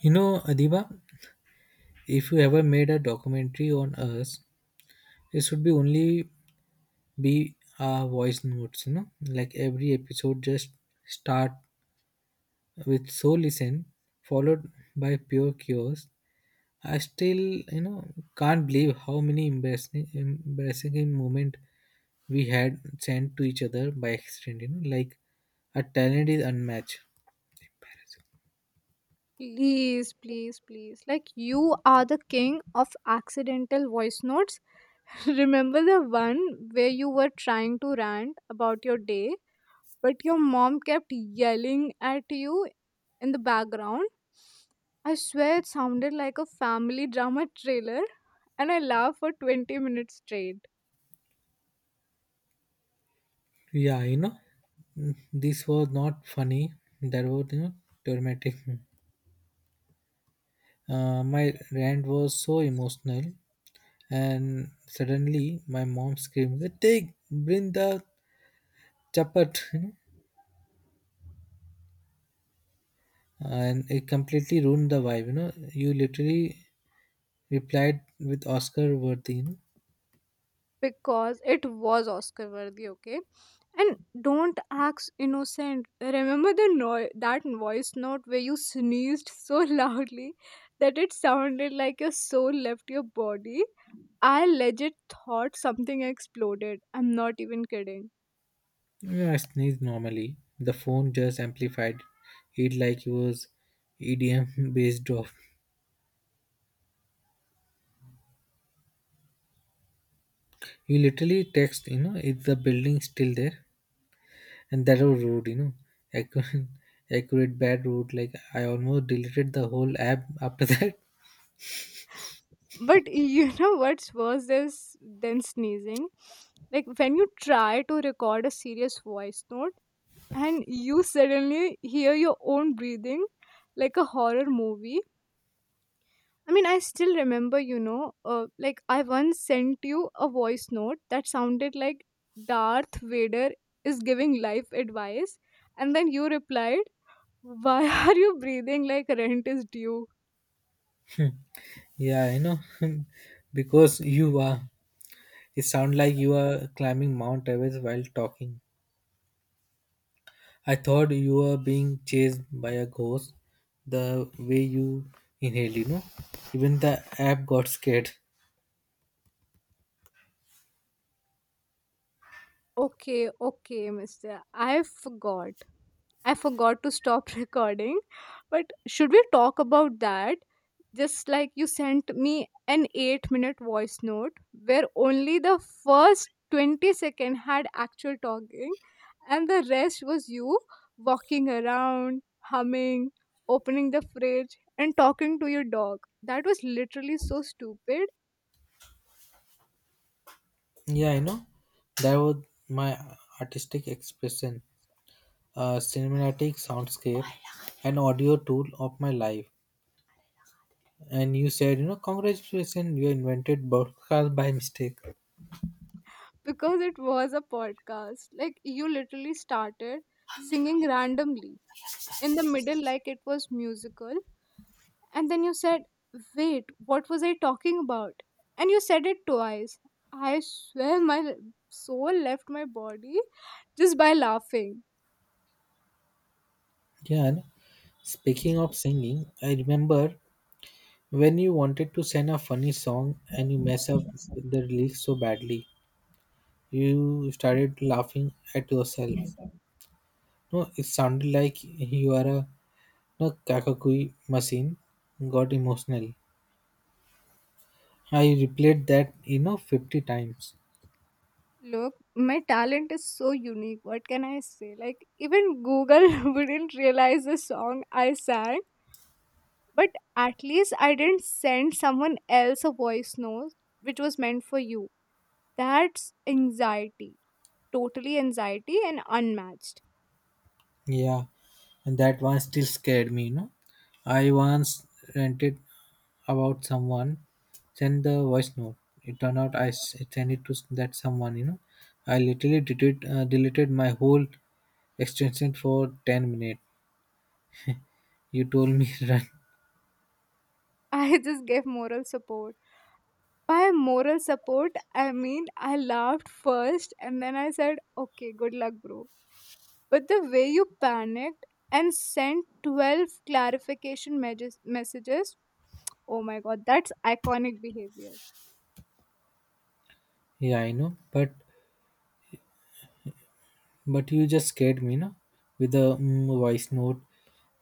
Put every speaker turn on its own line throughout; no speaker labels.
You know, Adiba, if you ever made a documentary on us, it should be only be voice notes, like every episode just start with so listen followed by pure chaos. I still, can't believe how many embarrassing moment we had sent to each other by accident, like our talent is unmatched.
Please, please, please. Like, you are the king of accidental voice notes. Remember the one where you were trying to rant about your day, but your mom kept yelling at you in the background? I swear it sounded like a family drama trailer, and I laughed for 20 minutes straight
Yeah, you know, this was not funny. That was, traumatic. My rant was so emotional, and suddenly my mom screamed, "Ritik, bring the chapat!" You know, and it completely ruined the vibe. You know, you literally replied with Oscar worthy. You know.
because it was Oscar worthy, okay? And don't act innocent. Remember the no- that voice note where you sneezed so loudly that it sounded like your soul left your body? I legit thought something exploded. I'm not even kidding.
Yeah, I sneezed normally. The phone just amplified it like it was EDM based off. You literally text, is the building still there? And that was rude, you know. I could, accurate bad rude, like I almost deleted the whole app after that.
But you know what's worse is than sneezing? Like when you try to record a serious voice note and you suddenly hear your own breathing like a horror movie. I mean, I still remember, like I once sent you a voice note that sounded like Darth Vader is giving life advice, and then you replied, why are you breathing like rent is due?
Yeah, you know, because you are, it sound like you are climbing Mount Everest while talking. I thought you were being chased by a ghost the way you inhaled, you know. Even the app got scared.
Okay, okay, mister. I forgot to stop recording. But should we talk about that? Just like you sent me an 8-minute voice note where only the first 20-second had actual talking, and the rest was you walking around, humming, opening the fridge, and talking to your dog. That was literally so stupid
Yeah, you know, that was my artistic expression, a cinematic soundscape, an audio tool of my life, and you said, you know, congratulations, you invented broadcast by mistake.
because it was a podcast. Like you literally started singing randomly in the middle like it was musical. And then you said, wait, what was I talking about? And you said it twice. I swear my soul left my body just by laughing.
Yeah, and speaking of singing, I remember when you wanted to send a funny song and you mess up with the lyrics so badly, you started laughing at yourself. No, it sounded like you are a no, kakakui machine. Got emotional. I replayed that, you know, 50 times.
Look, my talent is so unique. What can I say? Like, even Google wouldn't realize the song I sang. But at least I didn't send someone else a voice note which was meant for you. That's anxiety. Totally anxiety and unmatched.
Yeah, and that one still scared me, you know. I once rented about someone, send the voice note. It turned out I sent it to that someone. You know, I literally deleted my whole extension for 10 minutes. You told me run.
I just gave moral support. By moral support, I mean I laughed first and then I said, okay, good luck, bro. But the way you panicked and sent 12 clarification messages, oh my god, that's iconic behavior.
Yeah, I know, but you just scared me. You know, with the voice note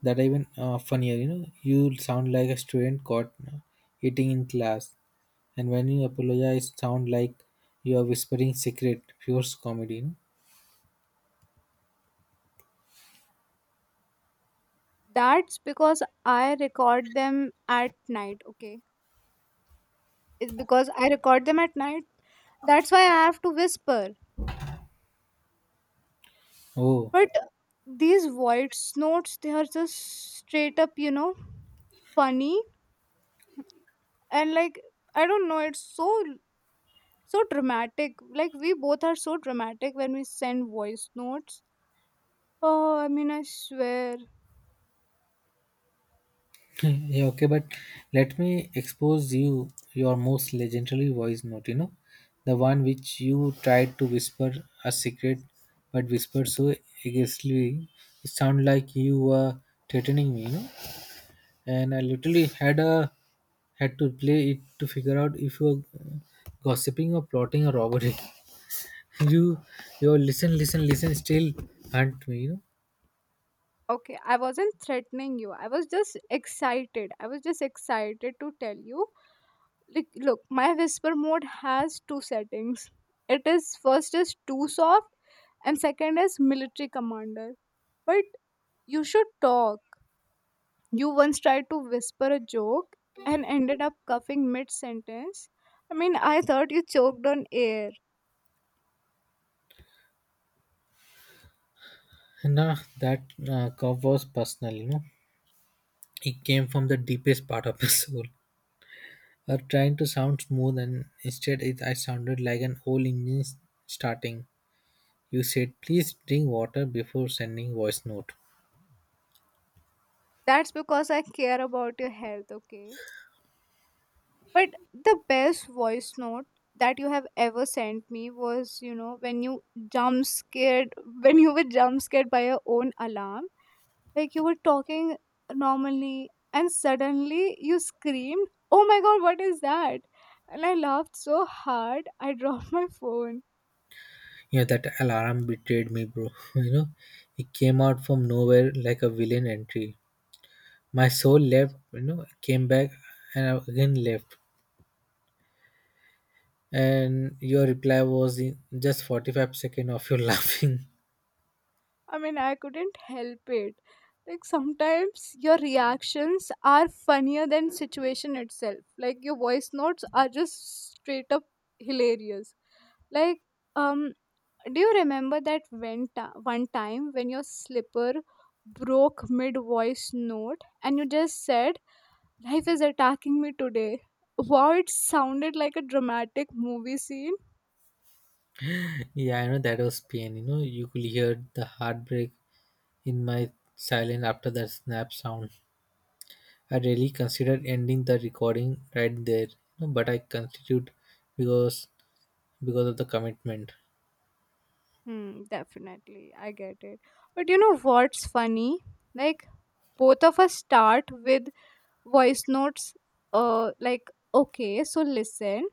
that even funnier. You know, you sound like a student caught eating in class, and when you apologize, sound like you are whispering secret. Pure comedy, you know?
That's because I record them at night, okay? It's because I record them at night. That's why I have to whisper.
Oh.
But these voice notes, they are just straight up, you know, funny and like I don't know, it's so so dramatic. Like we both are so dramatic when we send voice notes. Oh, I mean, I swear.
Yeah, okay, but let me expose you your most legendary voice note, you know, the one which you tried to whisper a secret but whispered so aggressively, it sounded like you were threatening me, you know, and I literally had to play it to figure out if you were gossiping or plotting a robbery. You, your listen, still hunt me, you know.
Okay, I wasn't threatening you, I was just excited. I was just excited to tell you. Like look, my whisper mode has two settings. It is, first is too soft, and second is military commander. But you should talk. You once tried to whisper a joke and ended up coughing mid sentence. I mean, I thought you choked on air.
Nah, that cough was personal, you know. It came from the deepest part of my soul. Trying to sound smooth, and instead, I sounded like an old engine starting. You said, "Please drink water before sending voice note."
That's because I care about your health, okay? But the best voice note that you have ever sent me was, you know, when you jump scared, when you were jump scared by your own alarm. Like you were talking normally and suddenly you screamed, oh my god, what is that? And I laughed so hard, I dropped my phone.
Yeah, that alarm betrayed me, bro. You know, it came out from nowhere like a villain entry. My soul left. You know, came back, and I again left. And your reply was in just 45 seconds of your laughing.
I mean, I couldn't help it. Like sometimes your reactions are funnier than situation itself. Like your voice notes are just straight up hilarious. Like, um, do you remember that when one time when your slipper broke mid voice note and you just said, "Life is attacking me today." Wow, it sounded like a dramatic movie scene.
Yeah, I know that was pain. You know, you could hear the heartbreak in my silence after that snap sound. I really considered ending the recording right there, you know, but I continued because because of the commitment.
Hmm, definitely, I get it. But you know what's funny? Like both of us start with voice notes like, okay so listen,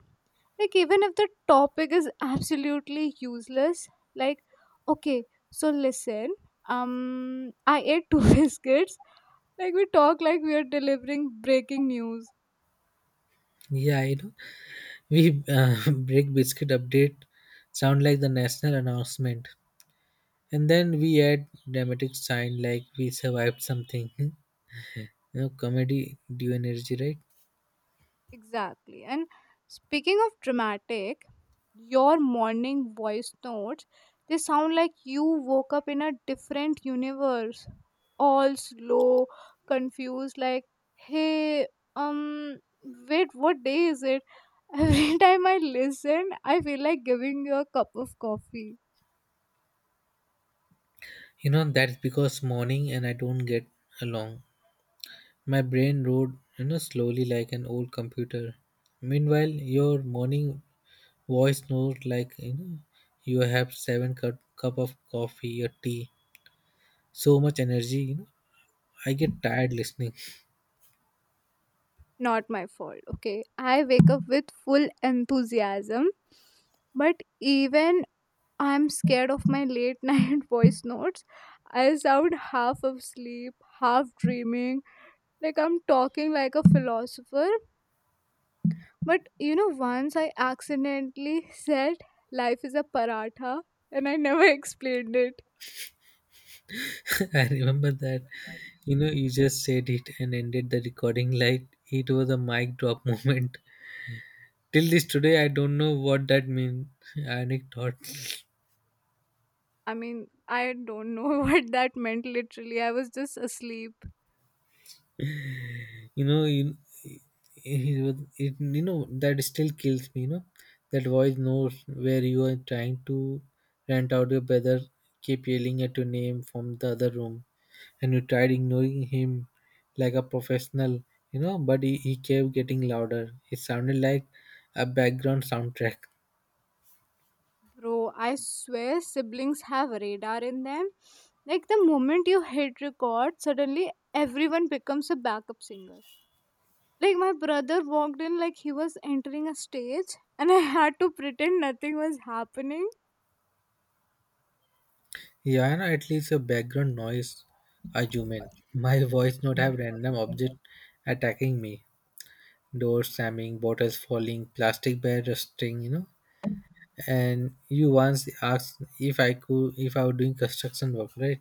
like even if the topic is absolutely useless, like okay so listen, I ate two biscuits. Like we talk like we are delivering breaking news.
Yeah, you know, we break biscuit update sound like the national announcement, and then we add dramatic sign like we survived something. You know, comedy due energy, right?
Exactly. And speaking of dramatic, your morning voice notes, they sound like you woke up in a different universe, all slow, confused, like, hey, um, wait, what day is it? Every time I listen, I feel like giving you a cup of coffee.
You know that's because morning and I don't get along. My brain roared, you know, slowly like an old computer. Meanwhile, your morning voice snored like, you know, you have seven cup of coffee or tea. So much energy, you know. I get tired listening.
Not my fault, okay? I wake up with full enthusiasm, but even I'm scared of my late night voice notes. I sound half asleep, half dreaming, like I'm talking like a philosopher. But you know, once I accidentally said life is a paratha and I never explained it.
I remember that, you know, you just said it and ended the recording like it was a mic drop moment. Till this today, I don't know what that means. Anecdote.
I mean, I don't know what that meant literally. I was just asleep.
you know you, you know that still kills me, you know, that voice knows where you are trying to rent out your brother keep yelling at your name from the other room, and you tried ignoring him like a professional, you know, but he kept getting louder. It sounded like a background soundtrack.
Bro, I swear siblings have radar in them. Like the moment you hit record, suddenly everyone becomes a backup singer. Like my brother walked in like he was entering a stage and I had to pretend nothing was happening.
Yeah, you at least your background noise are human. My voice not have random object attacking me, doors slamming, bottles falling, plastic bag rusting, you know. And you once asked if I could, if I was doing construction work, right?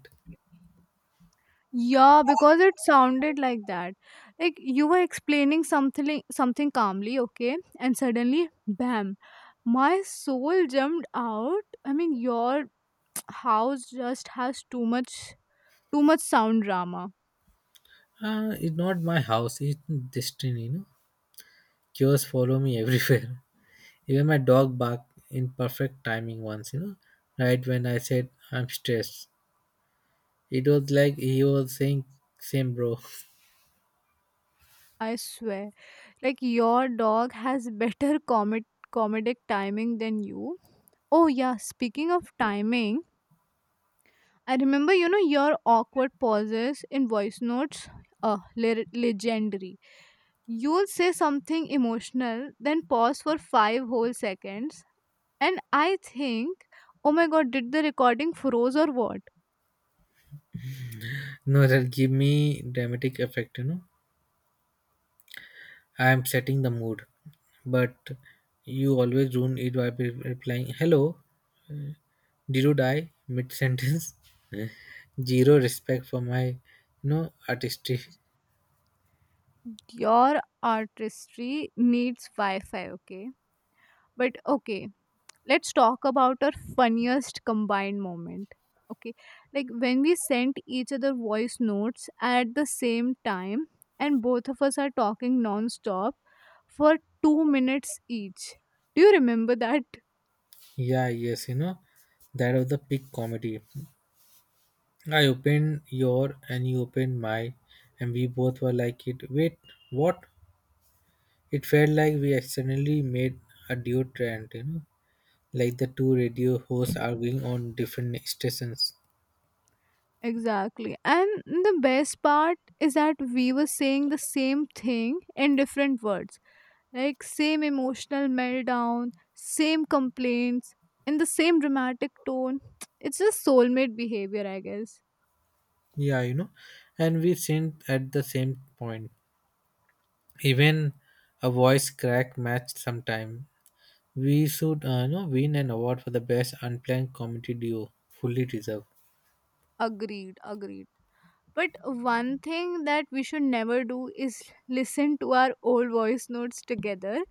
Yeah, because it sounded like that. Like you were explaining something calmly, okay? And suddenly, bam, my soul jumped out. I mean, your house just has too much sound drama.
It's not my house, it's destiny, you know. Cures follow me everywhere. Even my dog barked in perfect timing once, you know, right when I said I'm stressed. It was like he was saying, same bro.
I swear. Like your dog has better comic comedic timing than you. Oh yeah, speaking of timing, I remember, you know, your awkward pauses in voice notes. Legendary. You'll say something emotional, then pause for five whole seconds, and I think, oh my god, did the recording froze or what?
No, that give me dramatic effect, you know. I am setting the mood, but you always ruin it by replying, hello, did you die mid sentence? Zero respect for my, artistry.
Your artistry needs Wi Fi, okay? But okay, let's talk about our funniest combined moment, okay, like when we sent each other voice notes at the same time and both of us are talking non-stop for 2 minutes each. Do you remember that?
Yeah, yes, you know, that was the peak comedy. I opened your and you opened my, and we both were like, "It wait, what?" It felt like we accidentally made a duo trend, you know, like the two radio hosts arguing on different stations.
Exactly, and the best part is that we were saying the same thing in different words. Like same emotional meltdown, same complaints in the same dramatic tone. It's just soulmate behavior, I guess.
Yeah, you know, and we synced at the same point. Even a voice crack match sometime. We should, you know, win an award for the best unplanned comedy duo. Fully deserved.
Agreed, agreed. But one thing that we should never do is listen to our old voice notes together,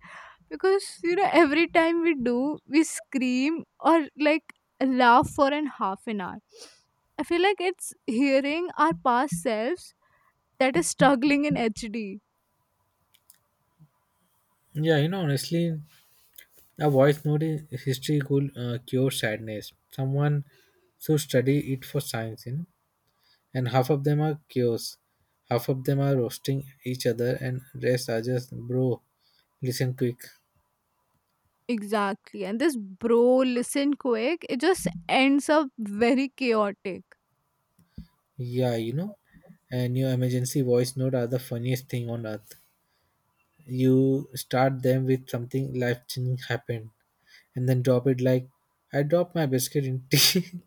because you know every time we do, we scream or like laugh for an half an hour. I feel like it's hearing our past selves that is struggling in HD.
Yeah, you know, honestly, a voice note in history could cure sadness. Someone should study it for science, you know. And half of them are cures, half of them are roasting each other, and rest are just bro. Listen quick.
Exactly. And this bro listen quick, it just ends up very chaotic.
Yeah, you know, and your emergency voice note are the funniest thing on earth. You start them with something life changing happened and then drop it like I drop my biscuit in tea.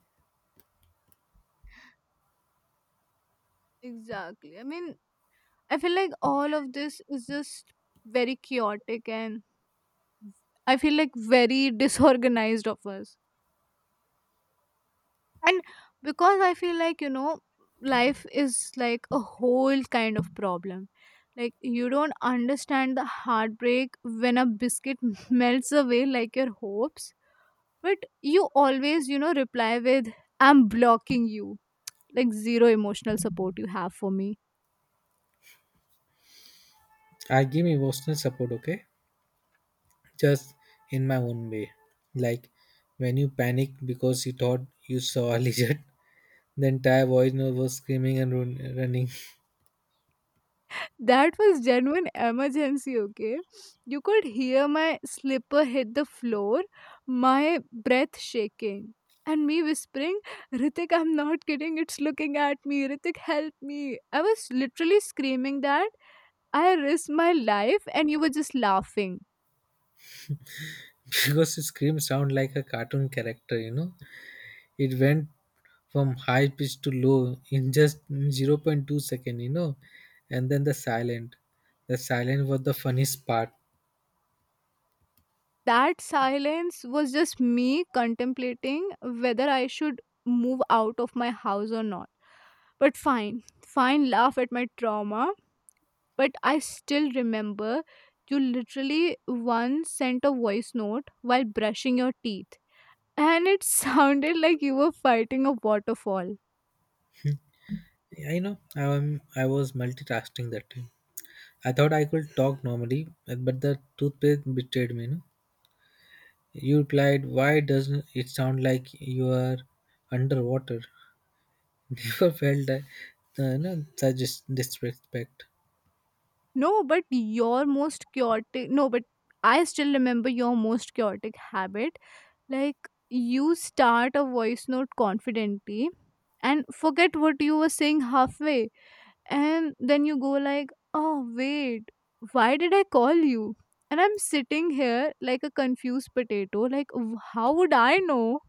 Exactly. I mean, I feel like all of this is just very chaotic and I feel like very disorganized of us. And because I feel like, you know, life is like a whole kind of problem. Like, you don't understand the heartbreak when a biscuit melts away like your hopes. But you always, you know, reply with, I'm blocking you. Like, zero emotional support you have for me.
I give emotional support, okay? Just in my own way. Like when you panicked because you thought you saw a lizard, the entire voice note was screaming and running.
That was genuine emergency, okay? You could hear my slipper hit the floor, my breath shaking, and me whispering, Ritik, I'm not kidding, it's looking at me. Ritik, help me. I was literally screaming that. I risked my life, and you were just laughing.
Because the scream sound like a cartoon character, you know? It went from high pitch to low in just zero point 0.2 second, you know? And then the silent. The silent was the funniest part.
That silence was just me contemplating whether I should move out of my house or not. But fine, fine, laugh at my trauma. But I still remember you literally once sent a voice note while brushing your teeth, and it sounded like you were fighting a waterfall.
I know I was multitasking that time. I thought I could talk normally, but the toothpaste betrayed me. No? You replied, why doesn't it sound like you are underwater? Never felt that, no, such disrespect.
No, but your most chaotic, no, but I still remember your most chaotic habit. Like, you start a voice note confidently and forget what you were saying halfway, and then you go like, oh wait, why did I call you? And I'm sitting here like a confused potato like, "W- how would I know?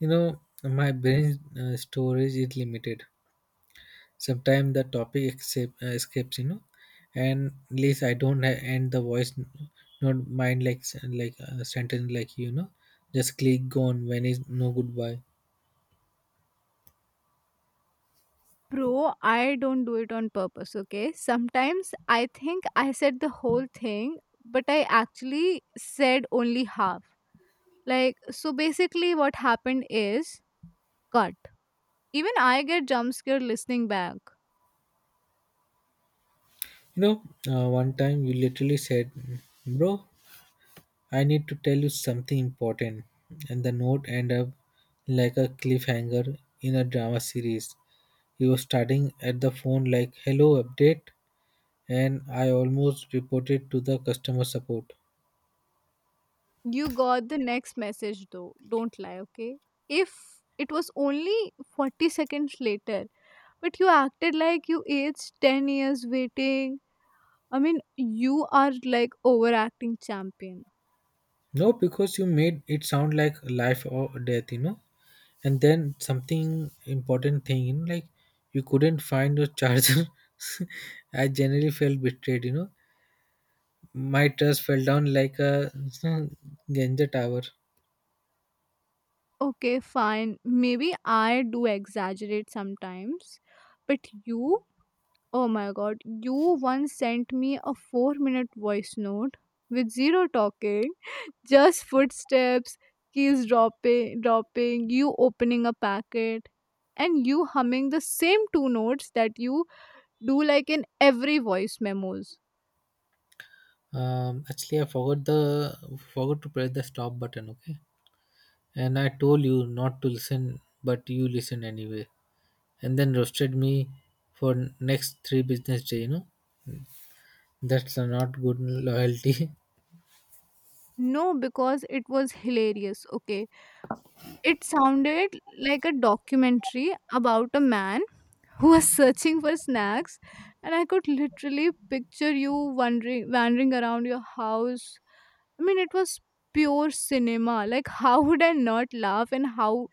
You know, my brain storage is limited. Sometimes the escapes, you know, and at least I don't end the voice not mind like like a sentence like, you know, just click go on when is no goodbye.
Bro, I don't do it on purpose, okay? Sometimes I think I said the whole thing, but I actually said only half. Like so basically what happened is, cut, even I get jump scared listening back.
You know, one time you literally said, bro, I need to tell you something important. And the note ended up like a cliffhanger in a drama series. He was starting at the phone like, hello, update. And I almost reported to the customer support.
You got the next message though. Don't lie, okay? If it was only 40 seconds later, but you acted like you aged 10 years waiting. I mean, you are like overacting champion.
No, because you made it sound like life or death, you know. And then something important thing, you know, like you couldn't find your charger. I generally felt betrayed, you know. My trust fell down like a Genja tower.
Okay, fine. Maybe I do exaggerate sometimes, but you, oh my god, you once sent me a 4-minute voice note with zero talking. Just footsteps, keys dropping, you opening a packet, and you humming the same two notes that you do like in every voice memos.
Actually, I forgot to press the stop button. Okay, and I told you not to listen, but you listen anyway, and then roasted me for next three business day. You know that's a not good loyalty.
No, because it was hilarious. Okay. It sounded like a documentary about a man who was searching for snacks and I could literally picture you wandering around your house. I mean, it was pure cinema. Like, how would I not laugh, and how?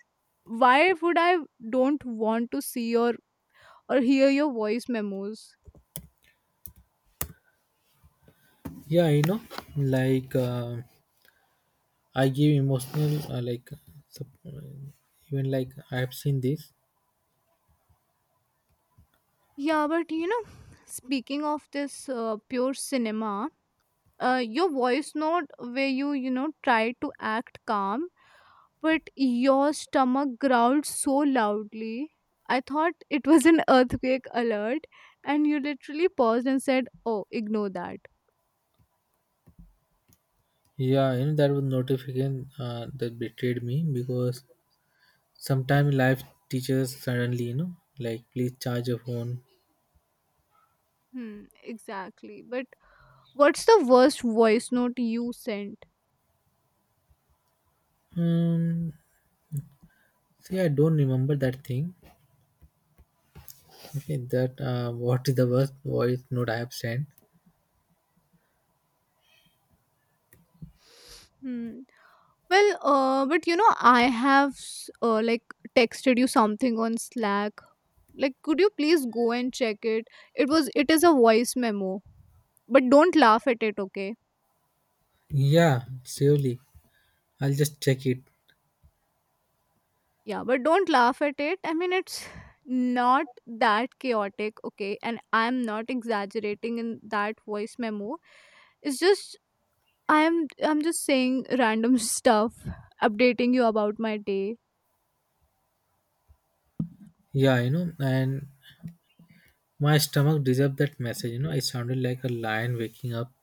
Why would I don't want to see or hear your voice memos?
Yeah, you know, like I give emotional like sup- even like I have seen this.
Yeah, but you know, speaking of this pure cinema, your voice note where you know try to act calm, but your stomach growled so loudly. I thought it was an earthquake alert, and you literally paused and said, "Oh, ignore that."
Yeah, you know that was notification that betrayed me because sometimes life teaches suddenly, you know, like please charge your phone.
Hmm, exactly. But what's the worst voice note you sent?
Um, See, I don't remember that thing. Okay, that what is the worst voice note I have sent?
Hmm. Well, but you know, I have like texted you something on Slack. Like, could you please go and check it? It is a voice memo, but don't laugh at it, okay?
Yeah, surely. I'll just check it.
Yeah, but don't laugh at it. I mean, it's not that chaotic, okay? And I'm not exaggerating in that voice memo. It's just I'm just saying random stuff, updating you about my day.
Yeah, you know, and my stomach deserved that message. You know, it sounded like a lion waking up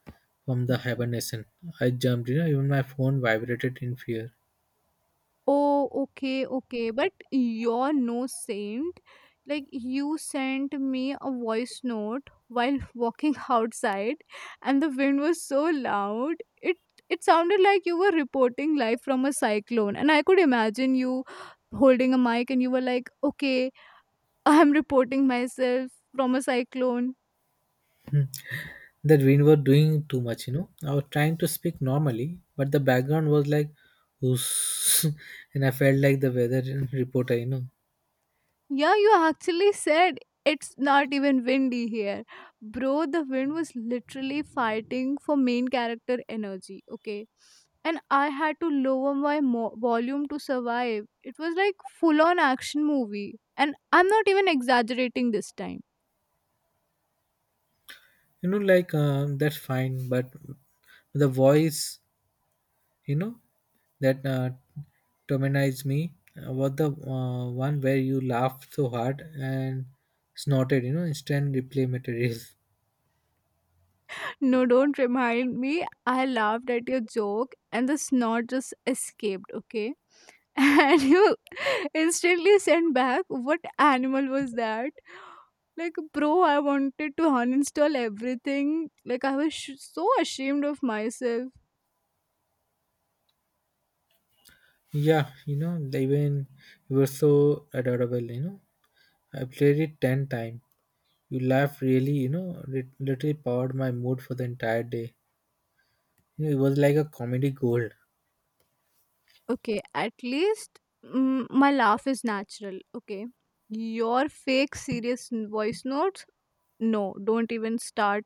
from the hibernation. I jumped. You know, even my phone vibrated in fear.
Oh, okay, okay. But you're no saint. Like, you sent me a voice note while walking outside, and the wind was so loud. It it sounded like you were reporting live from a cyclone, and I could imagine you holding a mic, and you were like, "Okay, I'm reporting myself from a cyclone."
That we were doing too much, you know. I was trying to speak normally, but the background was like, who's, and I felt like the weather reporter, you know.
Yeah, you actually said it's not even windy here. Bro, the wind was literally fighting for main character energy, okay? And I had to lower my volume to survive. It was like full on action movie. And I'm not even exaggerating this time.
You know, like, that's fine, but the voice, you know, that terminized me was the one where you laughed so hard and snorted, you know, instant replay material.
No, don't remind me. I laughed at your joke and the snort just escaped, okay? And you instantly sent back, "What animal was that?" Like, bro, I wanted to uninstall everything. Like, I was so ashamed of myself.
Yeah, you know, even you were so adorable, you know. I played it 10 times. You laugh really, you know, it literally powered my mood for the entire day. You know, it was like a comedy gold.
Okay, at least my laugh is natural. Okay. Your fake serious voice notes? No, don't even start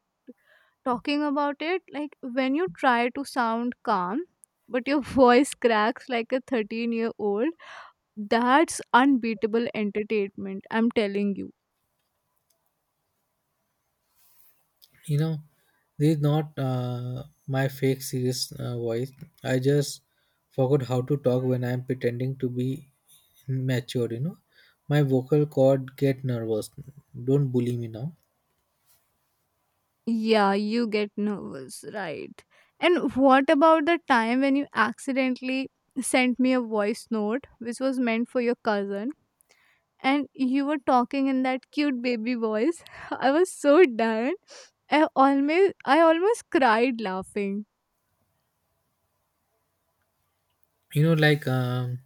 talking about it. Like, when you try to sound calm, but your voice cracks like a 13-year-old year old, that's unbeatable entertainment. I'm telling you.
You know, this is not my fake serious voice. I just forgot how to talk when I'm pretending to be matured, you know. My vocal cord get nervous. Don't bully me now.
Yeah, you get nervous, right? And what about the time when you accidentally sent me a voice note which was meant for your cousin and you were talking in that cute baby voice? I was so done. I almost cried laughing.
You know, like,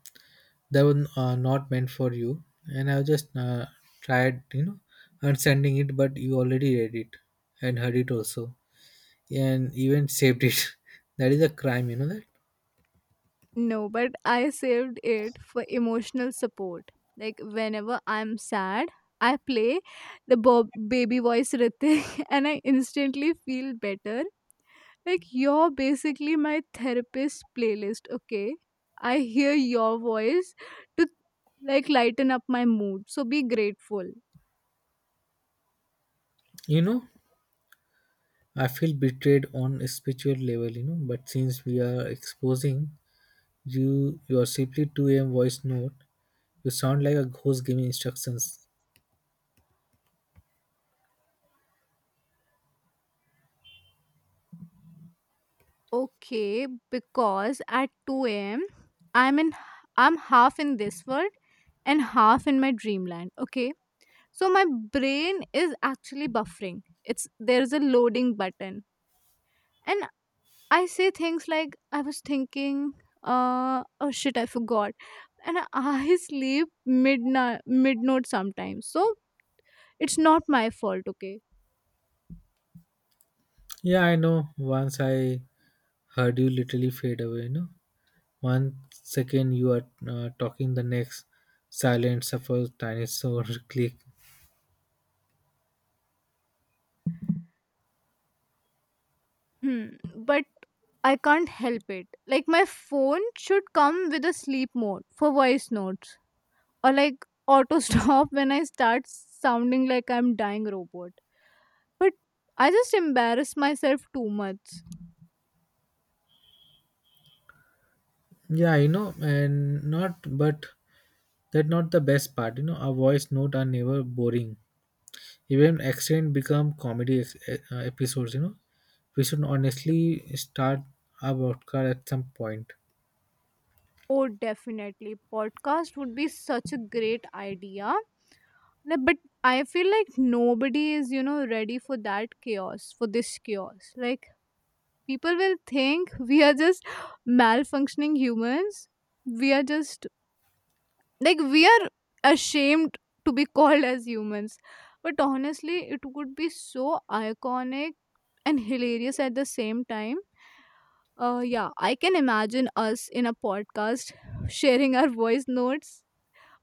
that was not meant for you. And I just tried, you know, and sending it, but you already read it and heard it also, and even saved it. That is a crime, you know that.
No, but I saved it for emotional support. Like whenever I'm sad, I play the baby voice Ritik and I instantly feel better. Like, you're basically my therapist playlist, okay? I hear your voice to like lighten up my mood. So be grateful.
You know, I feel betrayed on a spiritual level, you know. But since we are exposing you, your simply 2 a.m. voice note, you sound like a ghost giving instructions.
Okay, because at 2 a.m. I'm in I'm half in this world and half in my dreamland, okay? So my brain is actually buffering. It's There's a loading button. And I say things like, "I was thinking, oh shit, I forgot." And I sleep midnight, midnight sometimes. So it's not my fault, okay?
Yeah, I know. Once I heard you literally fade away, you know. 1 second you are talking, the next silent suffer tiny sound click.
Hmm. But I can't help it. Like my phone should come with a sleep mode for voice notes, or like auto stop when I start sounding like I'm dying robot. But I just embarrass myself too much.
Yeah, you know, and not, but that not the best part, you know. Our voice note are never boring. Even accident become comedy episodes. You know, we should honestly start a podcast at some point.
Oh, definitely. Podcast would be such a great idea. No, but I feel like nobody is, you know, ready for that chaos, for this chaos. Like, people will think we are just malfunctioning humans. We are just, like, we are ashamed to be called as humans. But honestly, it would be so iconic and hilarious at the same time. Yeah, I can imagine us in a podcast sharing our voice notes.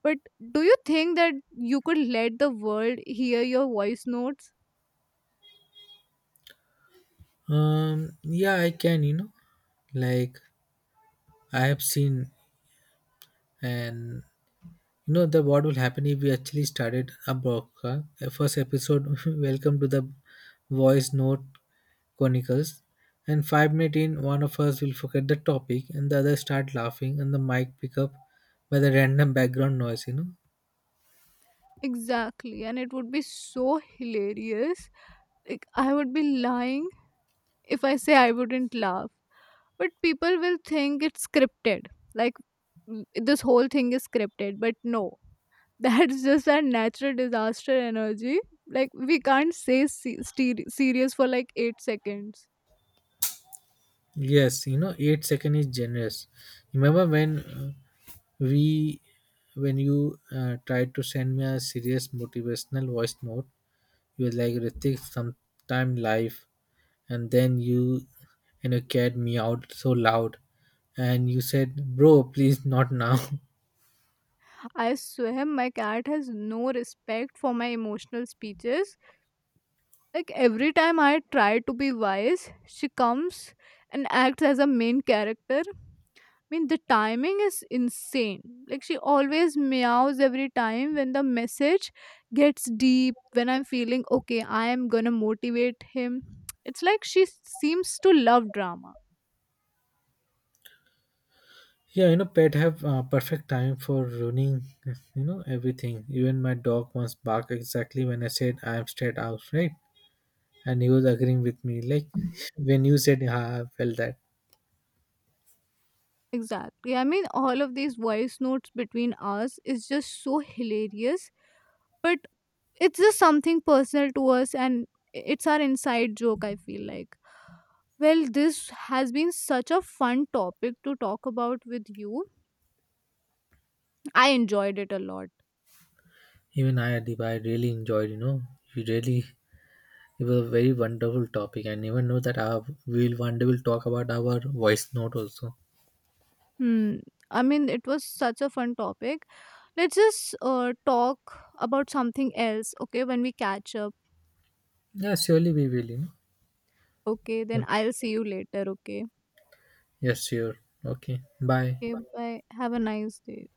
But do you think that you could let the world hear your voice notes?
Yeah, I can. You know, like I have seen, and, you know, the what will happen if we actually started a broadcast. First episode, welcome to the voice note chronicles. And 5 minutes in, one of us will forget the topic, and the other start laughing, and the mic pick up by the random background noise. You know,
Exactly, and it would be so hilarious. Like, I would be lying if I say I wouldn't laugh. But people will think it's scripted. Like, this whole thing is scripted, but no. That's just our natural disaster energy. Like, we can't say serious for like 8 seconds.
yes, you know, 8 second is generous. Remember when we, when you tried to send me a serious motivational voice note, you were like, Ritik, sometime life, and then and you cared me out so loud, and you said, bro, please not now.
I swear, my cat has no respect for my emotional speeches. Like every time I try to be wise, she comes and acts as a main character. I mean, the timing is insane. Like she always meows every time when the message gets deep, when I'm feeling okay, I am gonna motivate him. It's like she seems to love drama.
Yeah, you know, pet have perfect time for ruining, you know, everything. Even my dog once barked exactly when I said I'm straight out, right? And he was agreeing with me like when you said yeah, I felt that.
Exactly. I mean, all of these voice notes between us is just so hilarious, but it's just something personal to us and it's our inside joke, I feel like. Well, this has been such a fun topic to talk about with you. I enjoyed it a lot.
Even I Adib, I really enjoyed, you know, you really, it was a very wonderful topic. I never know that our we'll one day will talk about our voice note also.
Hmm. I mean, it was such a fun topic. Let's just talk about something else, okay, when we catch up.
Yeah, surely we will, you know.
Okay, then I'll see you later, okay?
Yes, sure. Okay, bye.
Okay, bye. Have a nice day.